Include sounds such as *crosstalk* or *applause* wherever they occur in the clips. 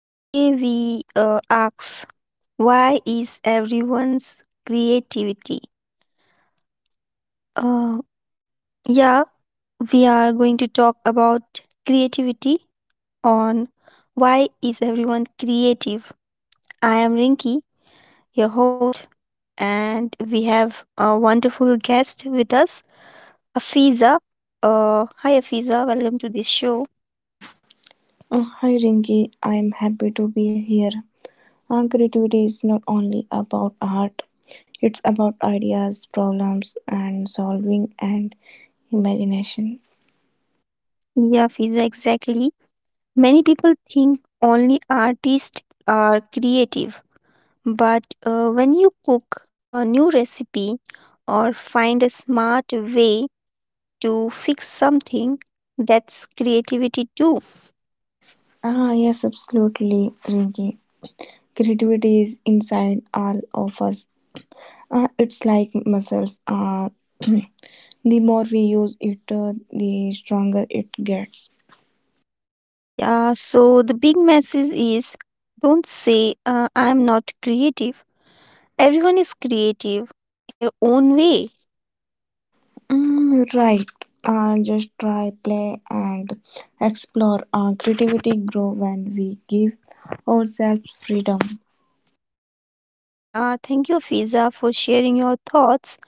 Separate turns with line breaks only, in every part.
Today, we ask why is everyone's creativity? Uh, yeah, we are going to talk about creativity on why is everyone creative. I am Rinki, your host, and we have a wonderful guest with us, Afiza. Hi, Afiza, welcome to this show.
Hi Rinki, I'm happy to be here. Creativity is not only about art, it's about ideas, problems, and solving and imagination.
Yeah, Afiza, exactly. Many people think only artists are creative, but when you cook a new recipe or find a smart way to fix something, that's creativity too.
Yes, absolutely, Rinki. Creativity is inside all of us. It's like muscles. *clears throat* The more we use it, the stronger it gets.
Yeah, so the big message is don't say I'm not creative. Everyone is creative in their own way.
Mm, right. Just try, play, and explore. Creativity grow when we give ourselves freedom.
Yeah, thank you, Fiza, for sharing your thoughts.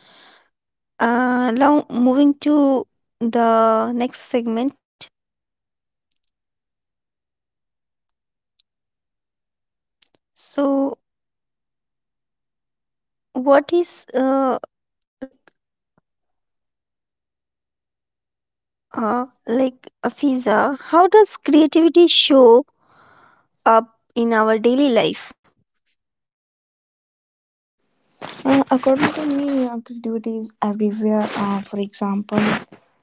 Now, moving to the next segment. So, what is like like Afiza? How does creativity show up in our daily life?
According to me, creativity is everywhere. For example,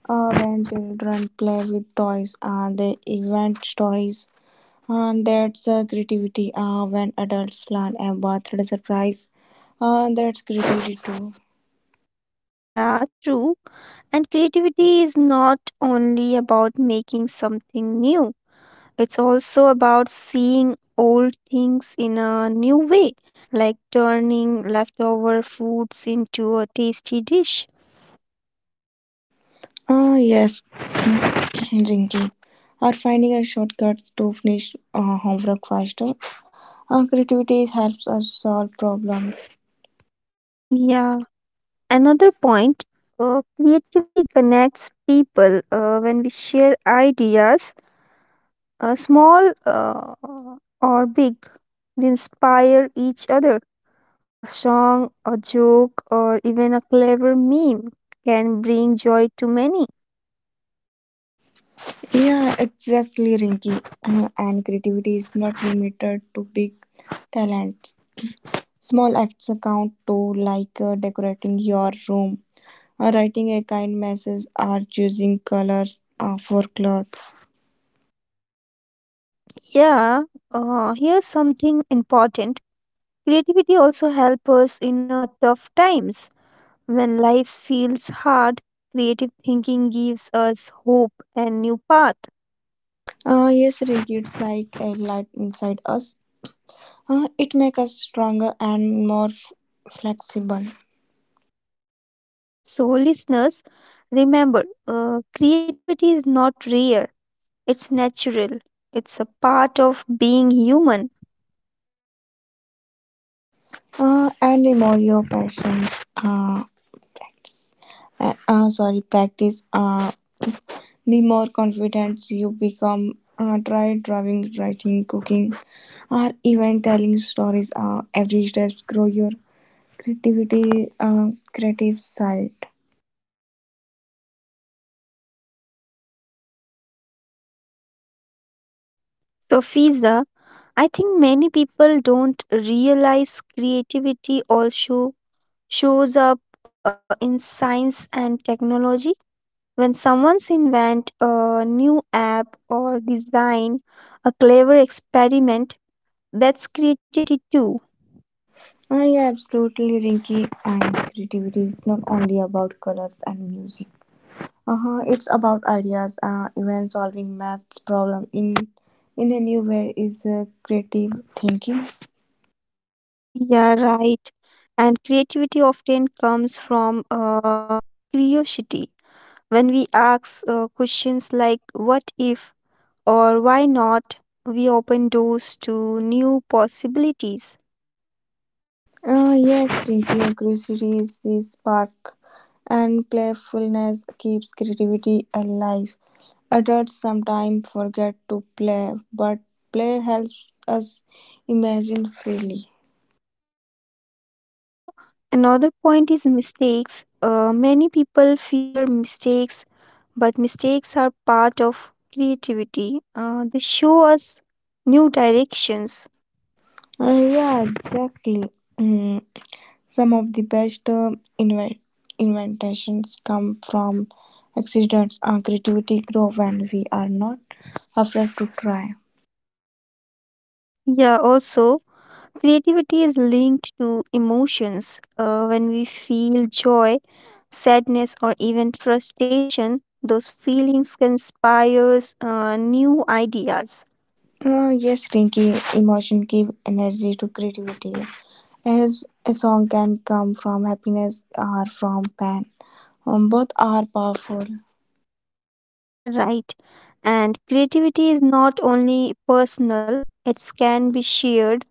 when children play with toys, they invent stories. That's creativity. When adults plan a birthday surprise, that's creativity too.
Yeah, true. And creativity is not only about making something new. It's also about seeing old things in a new way, like turning leftover foods into a tasty dish.
Yes, *clears throat* drinking or finding a shortcut to finish homework faster. Creativity helps us solve problems.
Yeah, another point creativity connects people when we share ideas, small or big. We inspire each other. A song, a joke, or even a clever meme can bring joy to many.
Yeah, exactly, Rinky. And creativity is not limited to big talents. Small acts account too, like decorating your room, or writing a kind message, or choosing colors for clothes.
Yeah, here's something important. Creativity also helps us in tough times. When life feels hard, creative thinking gives us hope and new path.
Yes, Rinky, it's like a light inside us. It makes us stronger and more flexible.
So, listeners, remember, creativity is not rare, it's natural, it's a part of being human.
And the more your passions uh, practice, sorry, practice, the more confident you become. Try drawing, writing, cooking, or even telling stories. Every step grow your creativity, creative side.
So, Fiza, I think many people don't realize creativity also shows up in science and technology. When someone's invent a new app or design a clever experiment, that's creativity too.
Yeah, absolutely, Rinky. And creativity is not only about colors and music. Uh-huh. It's about ideas, even solving maths problem in a new way is creative thinking.
Yeah, right. And creativity often comes from curiosity. When we ask questions like what if or why not, we open doors to new possibilities.
Yes, Rinky, curiosity is the spark, and playfulness keeps creativity alive. Adults sometimes forget to play, but play helps us imagine freely.
Yeah, another point is mistakes. Many people fear mistakes, but mistakes are part of creativity. They show us new directions.
Uh, yeah, exactly. Mm, some of the best inve- inventions come from accidents. Our creativity grow when we are not afraid to try.
Yeah, also, creativity is linked to emotions. When we feel joy, sadness, or even frustration, those feelings can inspire new ideas.
Yes, Rinky, emotion give energy to creativity. As a song can come from happiness or from pain, both are powerful.
Yeah, right. And creativity is not only personal, it can be shared.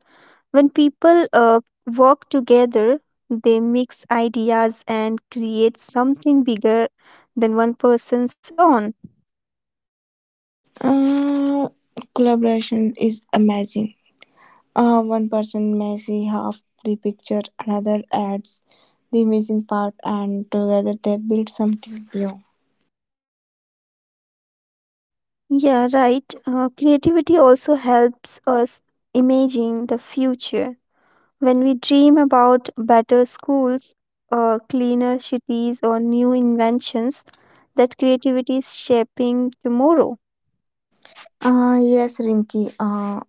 When people work together, they mix ideas and create something bigger than one person's alone.
Uh, Collaboration is amazing. One person may see half the picture, another adds the missing part, and together they build something new.
Yeah, right. Creativity also helps us imagine the future. When we dream about better schools, cleaner cities, or new inventions, that creativity is shaping tomorrow.
Yes, Rinky.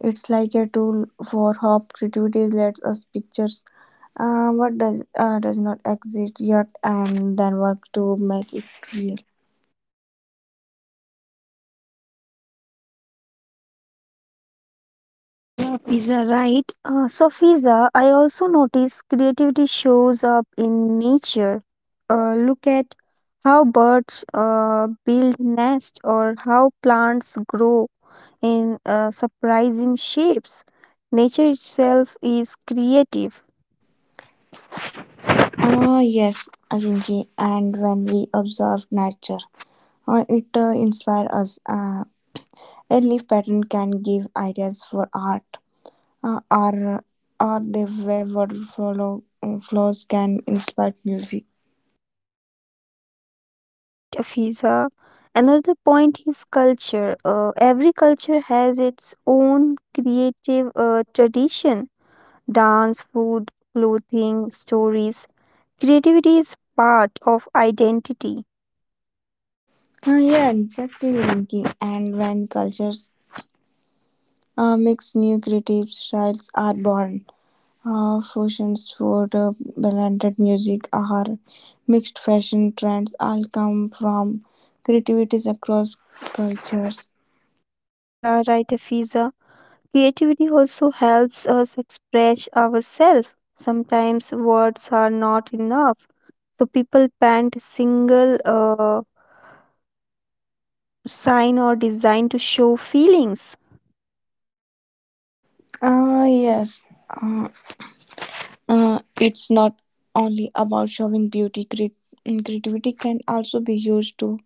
It's like a tool for hope. Creativity lets us pictures what does not exist yet, and then work to make it real.
Yeah, Fiza, right. So, Fiza, I also notice creativity shows up in nature. Look at how birds build nests or how plants grow in surprising shapes. Nature itself is creative.
Yes, Rinki. And when we observe nature, it inspires us. A leaf pattern can give ideas for art. uh, or or the wayward follow, flows can inspire music.
Yeah, right, Fiza. Another point is culture. Every culture has its own creative tradition dance, food, clothing, stories. Creativity is part of identity.
Yeah, exactly, Rinki. And when cultures mix, new creative styles are born. Fusions, food, blended music, or mixed fashion trends all come from creativities across cultures.
Yeah, right, Fiza. Creativity also helps us express ourselves. Sometimes words are not enough. So people paint a single sign or design to show feelings.
Yes. Uh, it's not only about showing beauty creativity can also be used to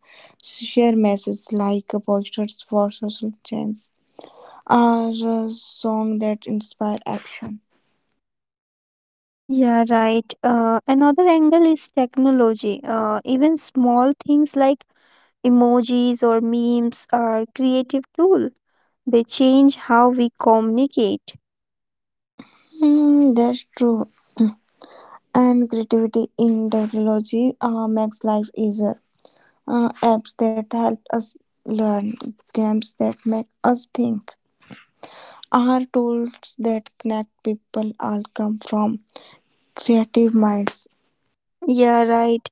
share messages like posters for social change or a song that inspire action.
Yeah, right. Another angle is technology. Even small things like emojis or memes are creative tool. They change how we communicate.
Hmm, that's true, and creativity in technology makes life easier. Apps that help us learn, games that make us think, are tools that connect people, all come from creative minds.
Yeah, right.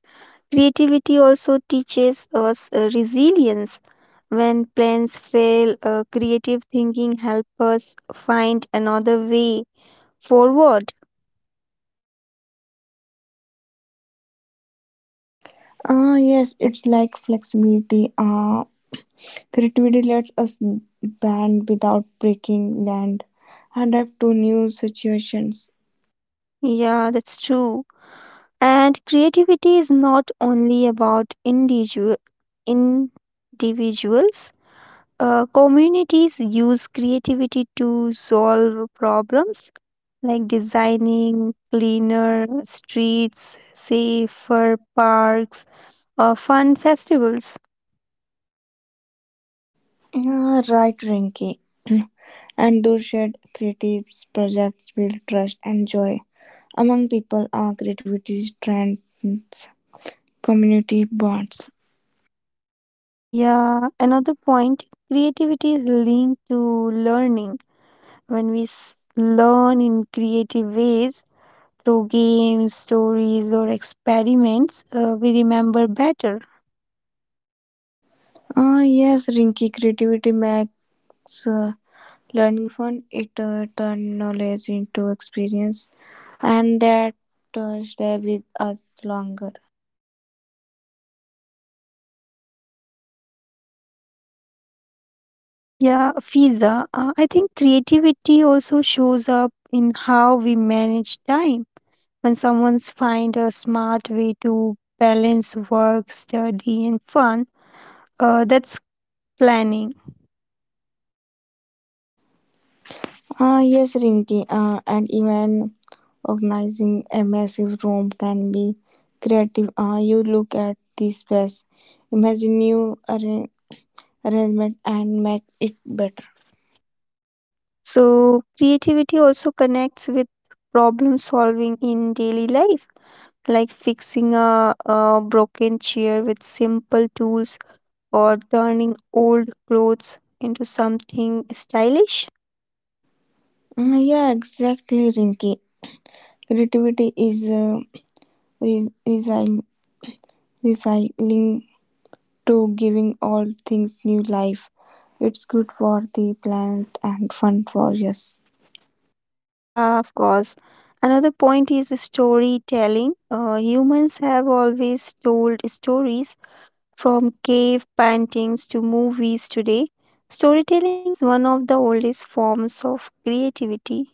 Creativity also teaches us resilience. When plans fail, creative thinking helps us find another way forward.
Yes, it's like flexibility. Creativity lets us bend without breaking and adapt to new situations.
Yeah, that's true. And creativity is not only about individual individuals. Communities use creativity to solve problems like designing cleaner streets, safer parks, or fun festivals.
Right, Rinky. *clears throat* And those shared creative projects build trust and joy among people. Creativity strengthens community bonds.
Yeah, another point, creativity is linked to learning. When we learn in creative ways through games, stories, or experiments, we remember better.
Yes, Rinky, creativity makes uh, learning fun. It turns knowledge into experience, and that stay with us longer.
Yeah, Fiza, I think creativity also shows up in how we manage time. When someone's find a smart way to balance work, study, and fun, that's planning.
Yes, Rinki, and even organizing a massive room can be creative. You look at the space, imagine new arrangement, and make it better.
So, creativity also connects with problem solving in daily life, like fixing a broken chair with simple tools or turning old clothes into something stylish.
Yeah, exactly, Rinki. Creativity is recycling, recycling to giving all things new life. It's good for the planet and fun for us.
Yeah, of course. Another point is storytelling. Humans have always told stories from cave paintings to movies today. Storytelling is one of the oldest forms of creativity.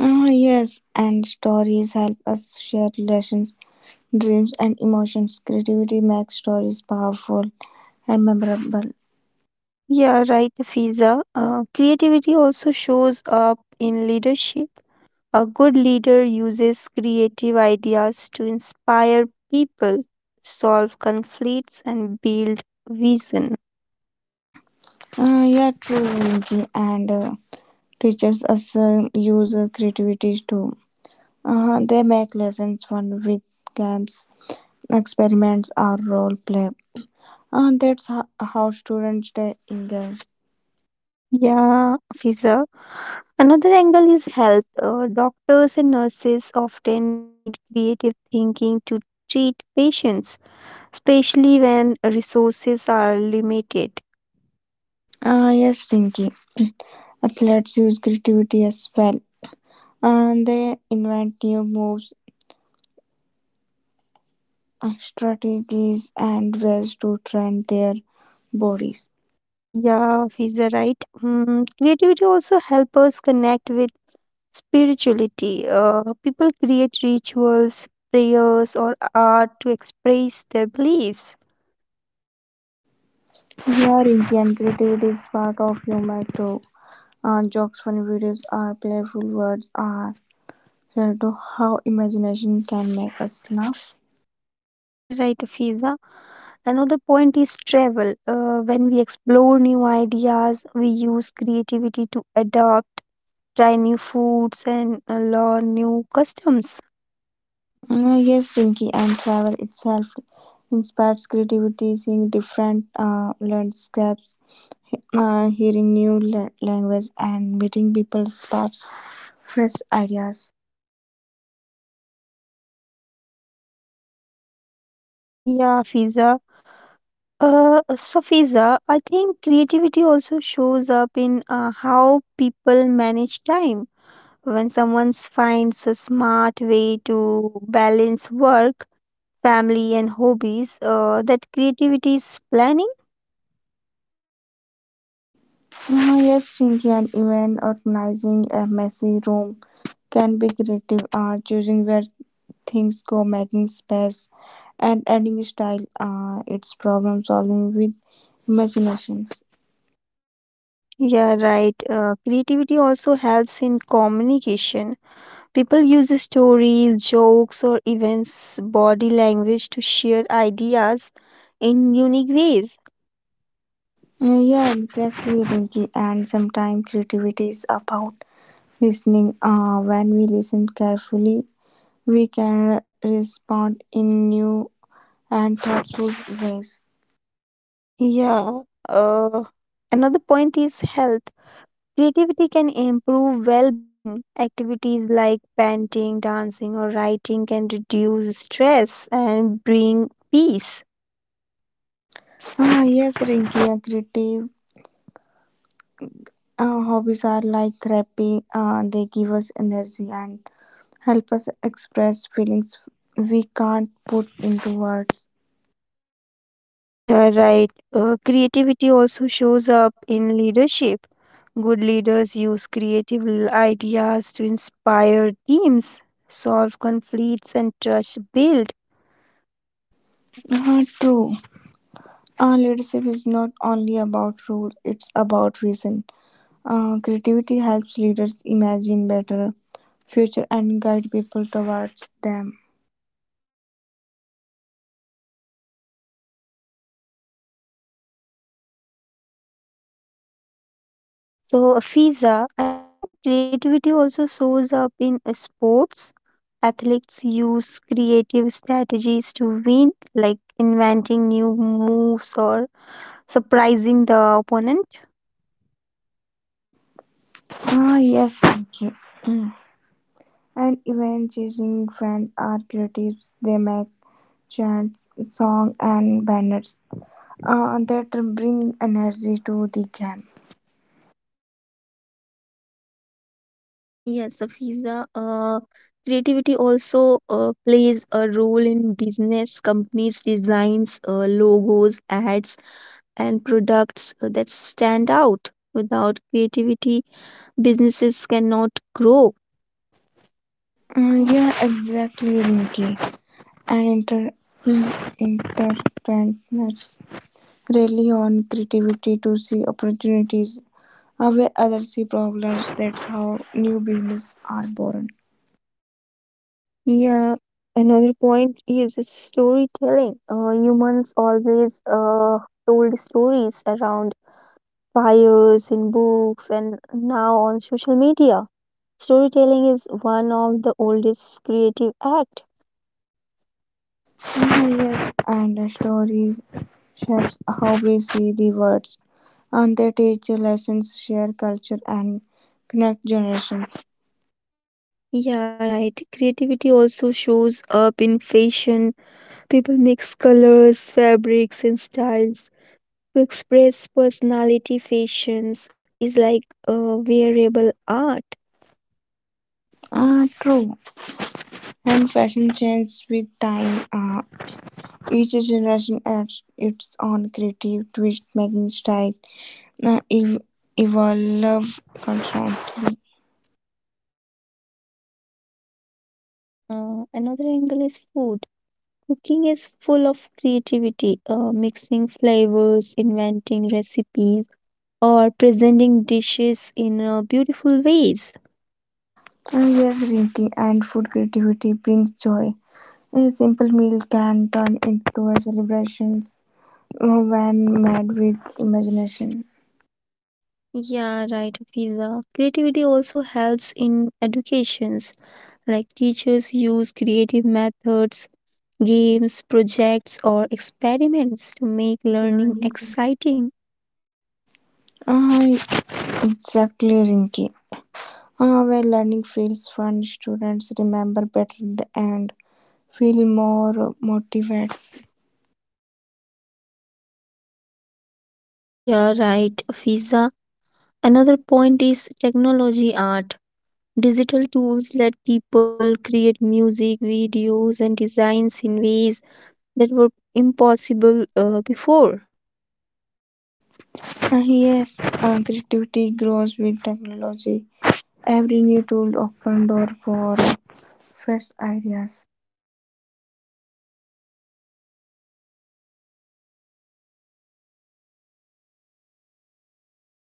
Yes, and stories help us share lessons, dreams, and emotions. Creativity makes stories powerful and memorable.
Yeah, right, Fiza. Creativity also shows up in leadership. A good leader uses creative ideas to inspire people, solve conflicts, and build vision.
Yeah, true, Rinki, and teachers us use creativity too. They make lessons fun with games, experiments, or role play. That's how students stay engaged.
Yeah, Fiza. Another angle is health. Doctors and nurses often need creative thinking to treat patients, especially when resources are limited.
Yes, Rinki. Athletes use creativity as well. They invent new moves, strategies, and ways to train their bodies.
Yeah, he's a right. Mm, creativity also help us connect with spirituality. People create rituals, prayers, or art to express their beliefs.
Here, Indian creativity is part of humor too. Jokes, funny videos, or playful words are said to how imagination can make us laugh.
Yeah, right, Fiza. Another point is travel. When we explore new ideas, we use creativity to adapt, try new foods, and learn new customs.
Yes, Rinky, and travel itself inspires creativity, seeing different landscapes, hearing new language, and meeting people sparks fresh ideas.
Yeah, Fiza. Safiza, I think creativity also shows up in how people manage time. When someone finds a smart way to balance work, family, and hobbies, that creativity is planning.
Yes, Rinky, an event organizing a messy room can be creative, choosing where things go, making space, and adding style. It's problem solving with imaginations.
Yeah, right. Creativity also helps in communication. People use stories, jokes, or events, body language to share ideas in unique ways.
Yeah, exactly, Rinky. And sometimes creativity is about listening. When we listen carefully, we can respond in new and thoughtful ways.
Yeah. Uh, Another point is health. Creativity can improve well being. Activities like painting, dancing, or writing can reduce stress and bring peace.
Yes, Rinky, a creative. Our hobbies are like therapy, they give us energy and help us express feelings we can't put into words.
Yeah, right. Creativity also shows up in leadership. Good leaders use creative ideas to inspire teams, solve conflicts, and trust build.
True. Leadership is not only about rule, it's about vision. Creativity helps leaders imagine better future and guide people towards them.
So, Fiza, I think creativity also shows up in sports athletes use creative strategies to win, like inventing new moves or surprising the opponent.
Yes, okay. Mm. And event chasing fans are creatives. They make chants, song, and banners, that bring energy to the game.
Yes, Safiza, creativity also plays a role in business. Companies designs logos, ads, and products that stand out. Without creativity, businesses cannot grow.
Yeah, exactly, Rinky. And mm, entrepreneurs rely on creativity to see opportunities where others see problems. That's how new business are born.
Yeah, another point is storytelling. Humans always told stories around fires in books and now on social media. Storytelling is one of the oldest creative act.
Yes, and the stories shapes how we see the words, and they teach lessons, share culture, and connect generations.
Yeah, right. Creativity also shows up in fashion. People mix colors, fabrics, and styles to express personality. Fashions is like wearable art.
True. And fashion changes with time. Each generation adds its own creative twist, making style uh, ev- evolve constantly.
Yeah, Fiza, right. Another angle is food. Cooking is full of creativity, mixing flavors, inventing recipes, or presenting dishes in beautiful ways.
Yes, Rinki, and food creativity brings joy. A simple meal can turn into a celebration when made with imagination.
Yeah, right, Fiza. Creativity also helps in educations, like teachers use creative methods, games, projects, or experiments to make learning exciting.
Uh, exactly, Rinki. When learning feels fun, students remember better the end, feel more motivated.
Yeah, right, Fiza. Another point is technology art. Digital tools let people create music, videos, and designs in ways that were impossible before.
Yes, creativity grows with technology. Every new tool opened door for fresh ideas.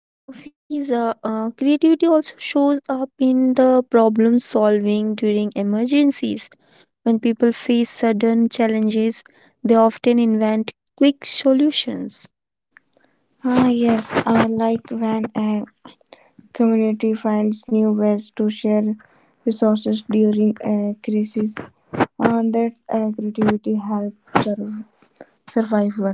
So, Fiza, creativity also shows up in the problem solving during emergencies. When people face sudden challenges, they often invent quick solutions.
Yes, I like when a community finds new ways to share resources during a crisis, and that creativity helps sur- survival.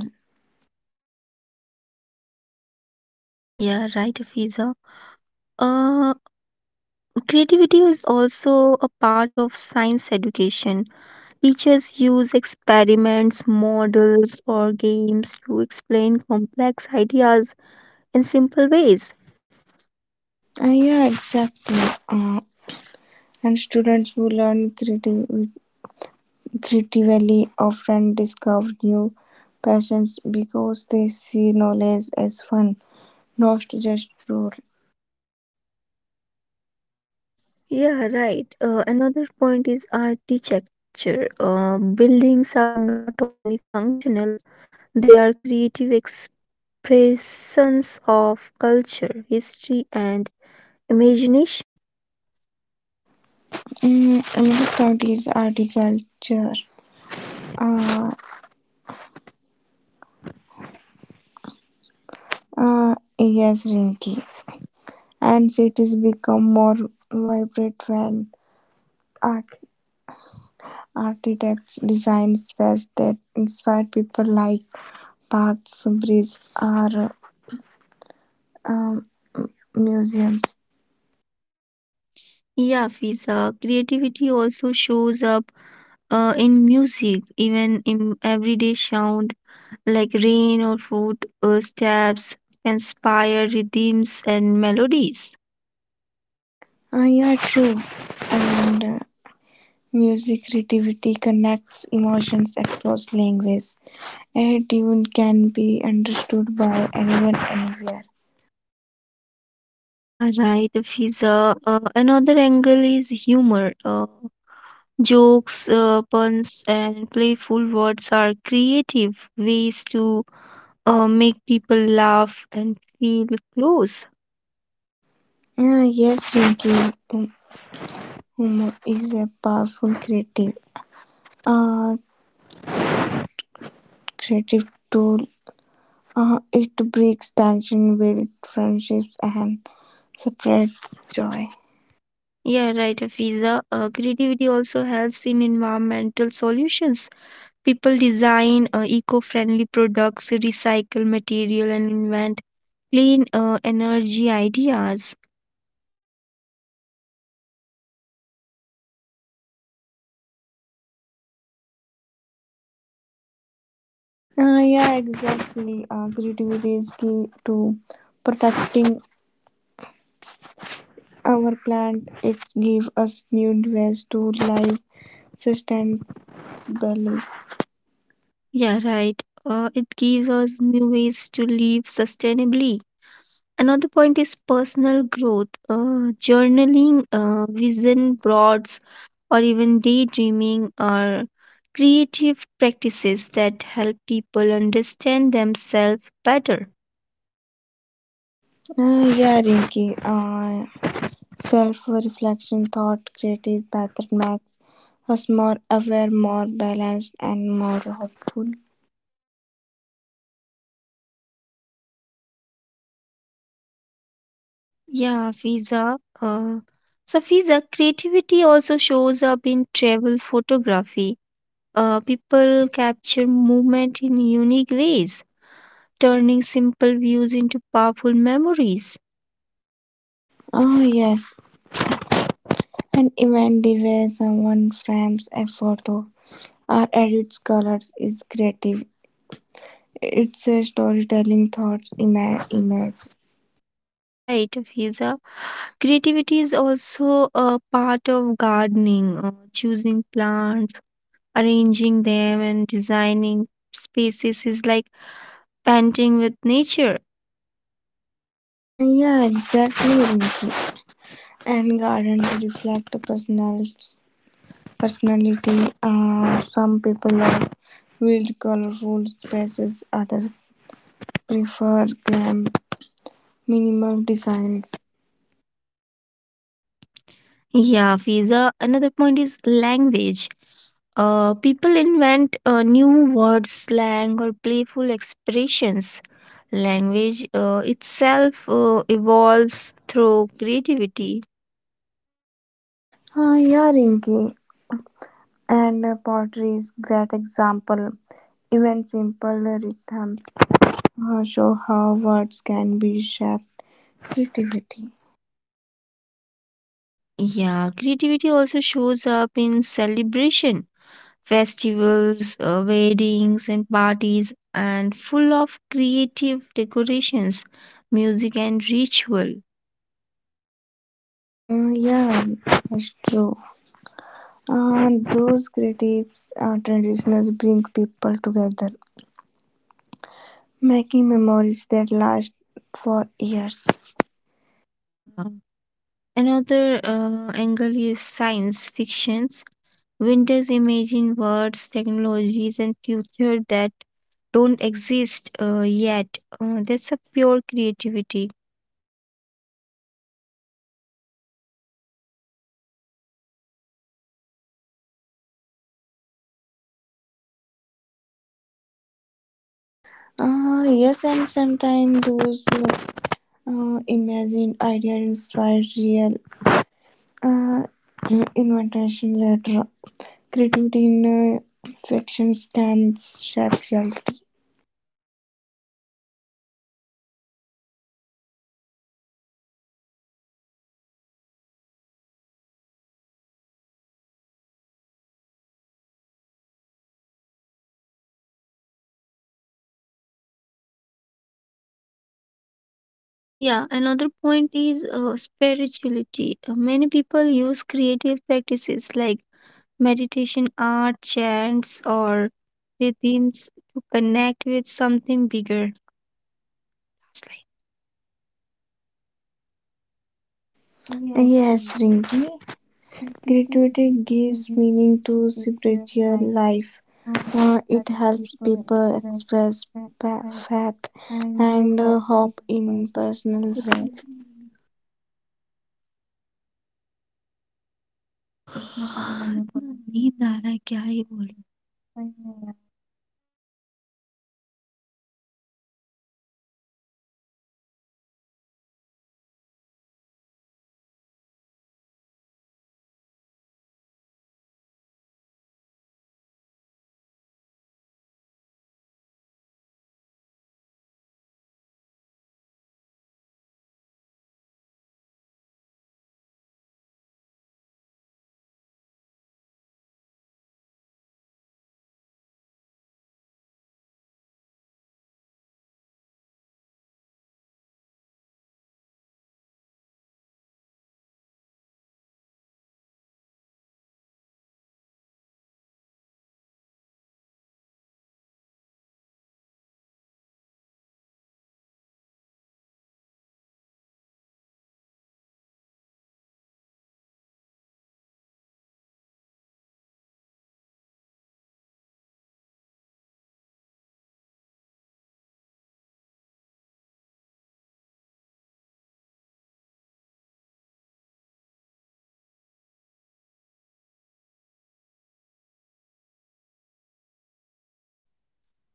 Yeah, right, Fiza. Uh, Creativity is also a part of science education. Teachers use experiments, models, or games to explain complex ideas in simple ways.
Yeah, exactly. And students who learn creatively often discover new passions because they see knowledge as fun, not just rule.
Yeah, right. Another point is architecture. Buildings are not only functional, they are creative expressions of culture, history, and imagination.
Mm, another cloud is agriculture. Uh, yes, Rinky. And cities become more vibrant when art, architects design spaces that inspire people like parks, bridges, or um, museums.
Yeah, Fiza. Creativity also shows up in music, even in everyday sound like rain or foot steps inspire rhythms and melodies.
Yeah, true. And music creativity connects emotions across languages. A tune can be understood by anyone anywhere.
Yeah, right. Fiza. Another angle is humor. Jokes, puns, and playful words are creative ways to make people laugh and feel close.
Yes, Rinki, hum- humor is a powerful uh, creative tool. It breaks tension, builds friendships, and spreads joy.
Yeah, right, Fiza. Creativity also helps in environmental solutions. People design eco-friendly products, recycle material, and invent clean energy ideas.
Yeah, exactly. Creativity is key to protecting our plant. It gives us new ways to live sustainably.
Yeah, right. It gives us new ways to live sustainably. Another point is personal growth. Journaling, vision boards, or even daydreaming are creative practices that help people understand themselves better.
Yeah, Rinki. Self-reflection, thought, creative pattern makes us more aware, more balanced, and more hopeful.
Yeah, Fiza. So Fiza, creativity also shows up in travel photography. People capture movement in unique ways, turning simple views into powerful memories.
Oh, yes. And even the way someone frames a photo or edits colors is creative. It's a storytelling thoughts image.
Yeah, right, Fiza. Creativity is also a part of gardening, choosing plants, arranging them, and designing spaces is like painting with nature.
Yeah, exactly, Rinki. And gardens reflect personality. Some people like wild, colorful spaces. Others prefer calm, minimal designs.
Yeah, Fiza. Another point is language. People invent new words, slang, or playful expressions. Language itself evolves through creativity.
Yeah, Rinky, and pottery is great example. Even simple rhythms show how words can be shaped creativity.
Yeah, creativity also shows up in celebration, festivals, weddings, and parties, and full of creative decorations, music, and ritual.
Mm, yeah, that's true. Those creative traditions bring people together, making memories that last for years.
Yeah. Another angle is science fictions. Winters imagine worlds, technologies, and future that don't exist yet. That's a pure creativity.
Yes, and sometimes those imagined ideas inspire real uh, invitation letter. Creativity in factions can shape reality.
Yeah, another point is spirituality. Many people use creative practices like meditation, art, chants, or rhythms to connect with something bigger. Yes, Rima.
Yes, Rinki.
Creativity
Creativity
gives
gives
meaning
meaning
to
to
spiritual
spiritual
life.
life.
Or it
It
helps
helps
people
people
express
express
that
pa-
that
faith
and
and
hope in
hope in
person.
personal
उसी
ways.
अपना काम करने नींद आ रहा है क्या ही बोलूं.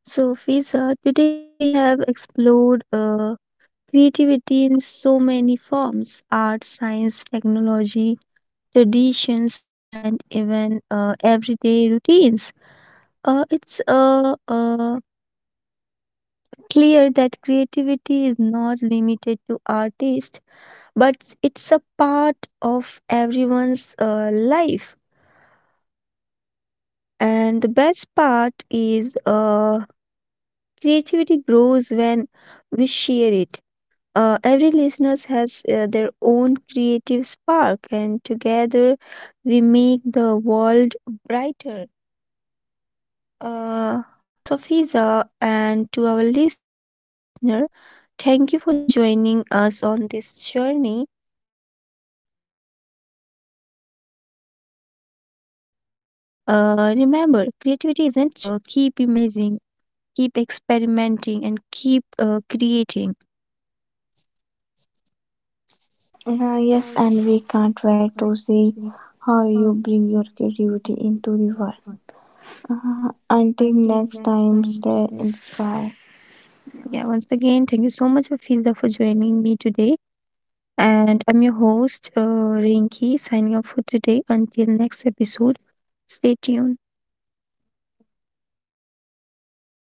So, Fiza, today we have explored creativity in so many forms art, science, technology, traditions, and even everyday routines. It's clear that creativity is not limited to artists, but it's a part of everyone's life. And the best part is creativity grows when we share it. Every listener has their own creative spark, and together we make the world brighter. Uh, so, Fiza, and to our listener, thank you for joining us on this journey. Remember, creativity isn't just something you do, it's something you live. Keep imagining, keep experimenting, and keep creating.
Yes, and we can't wait to see how you bring your creativity into the world. Until next time, stay inspired.
Yeah, once again, thank you so much, Fiza, for joining me today. And I'm your host, Rinki, signing off for today. Until next episode, stay tuned.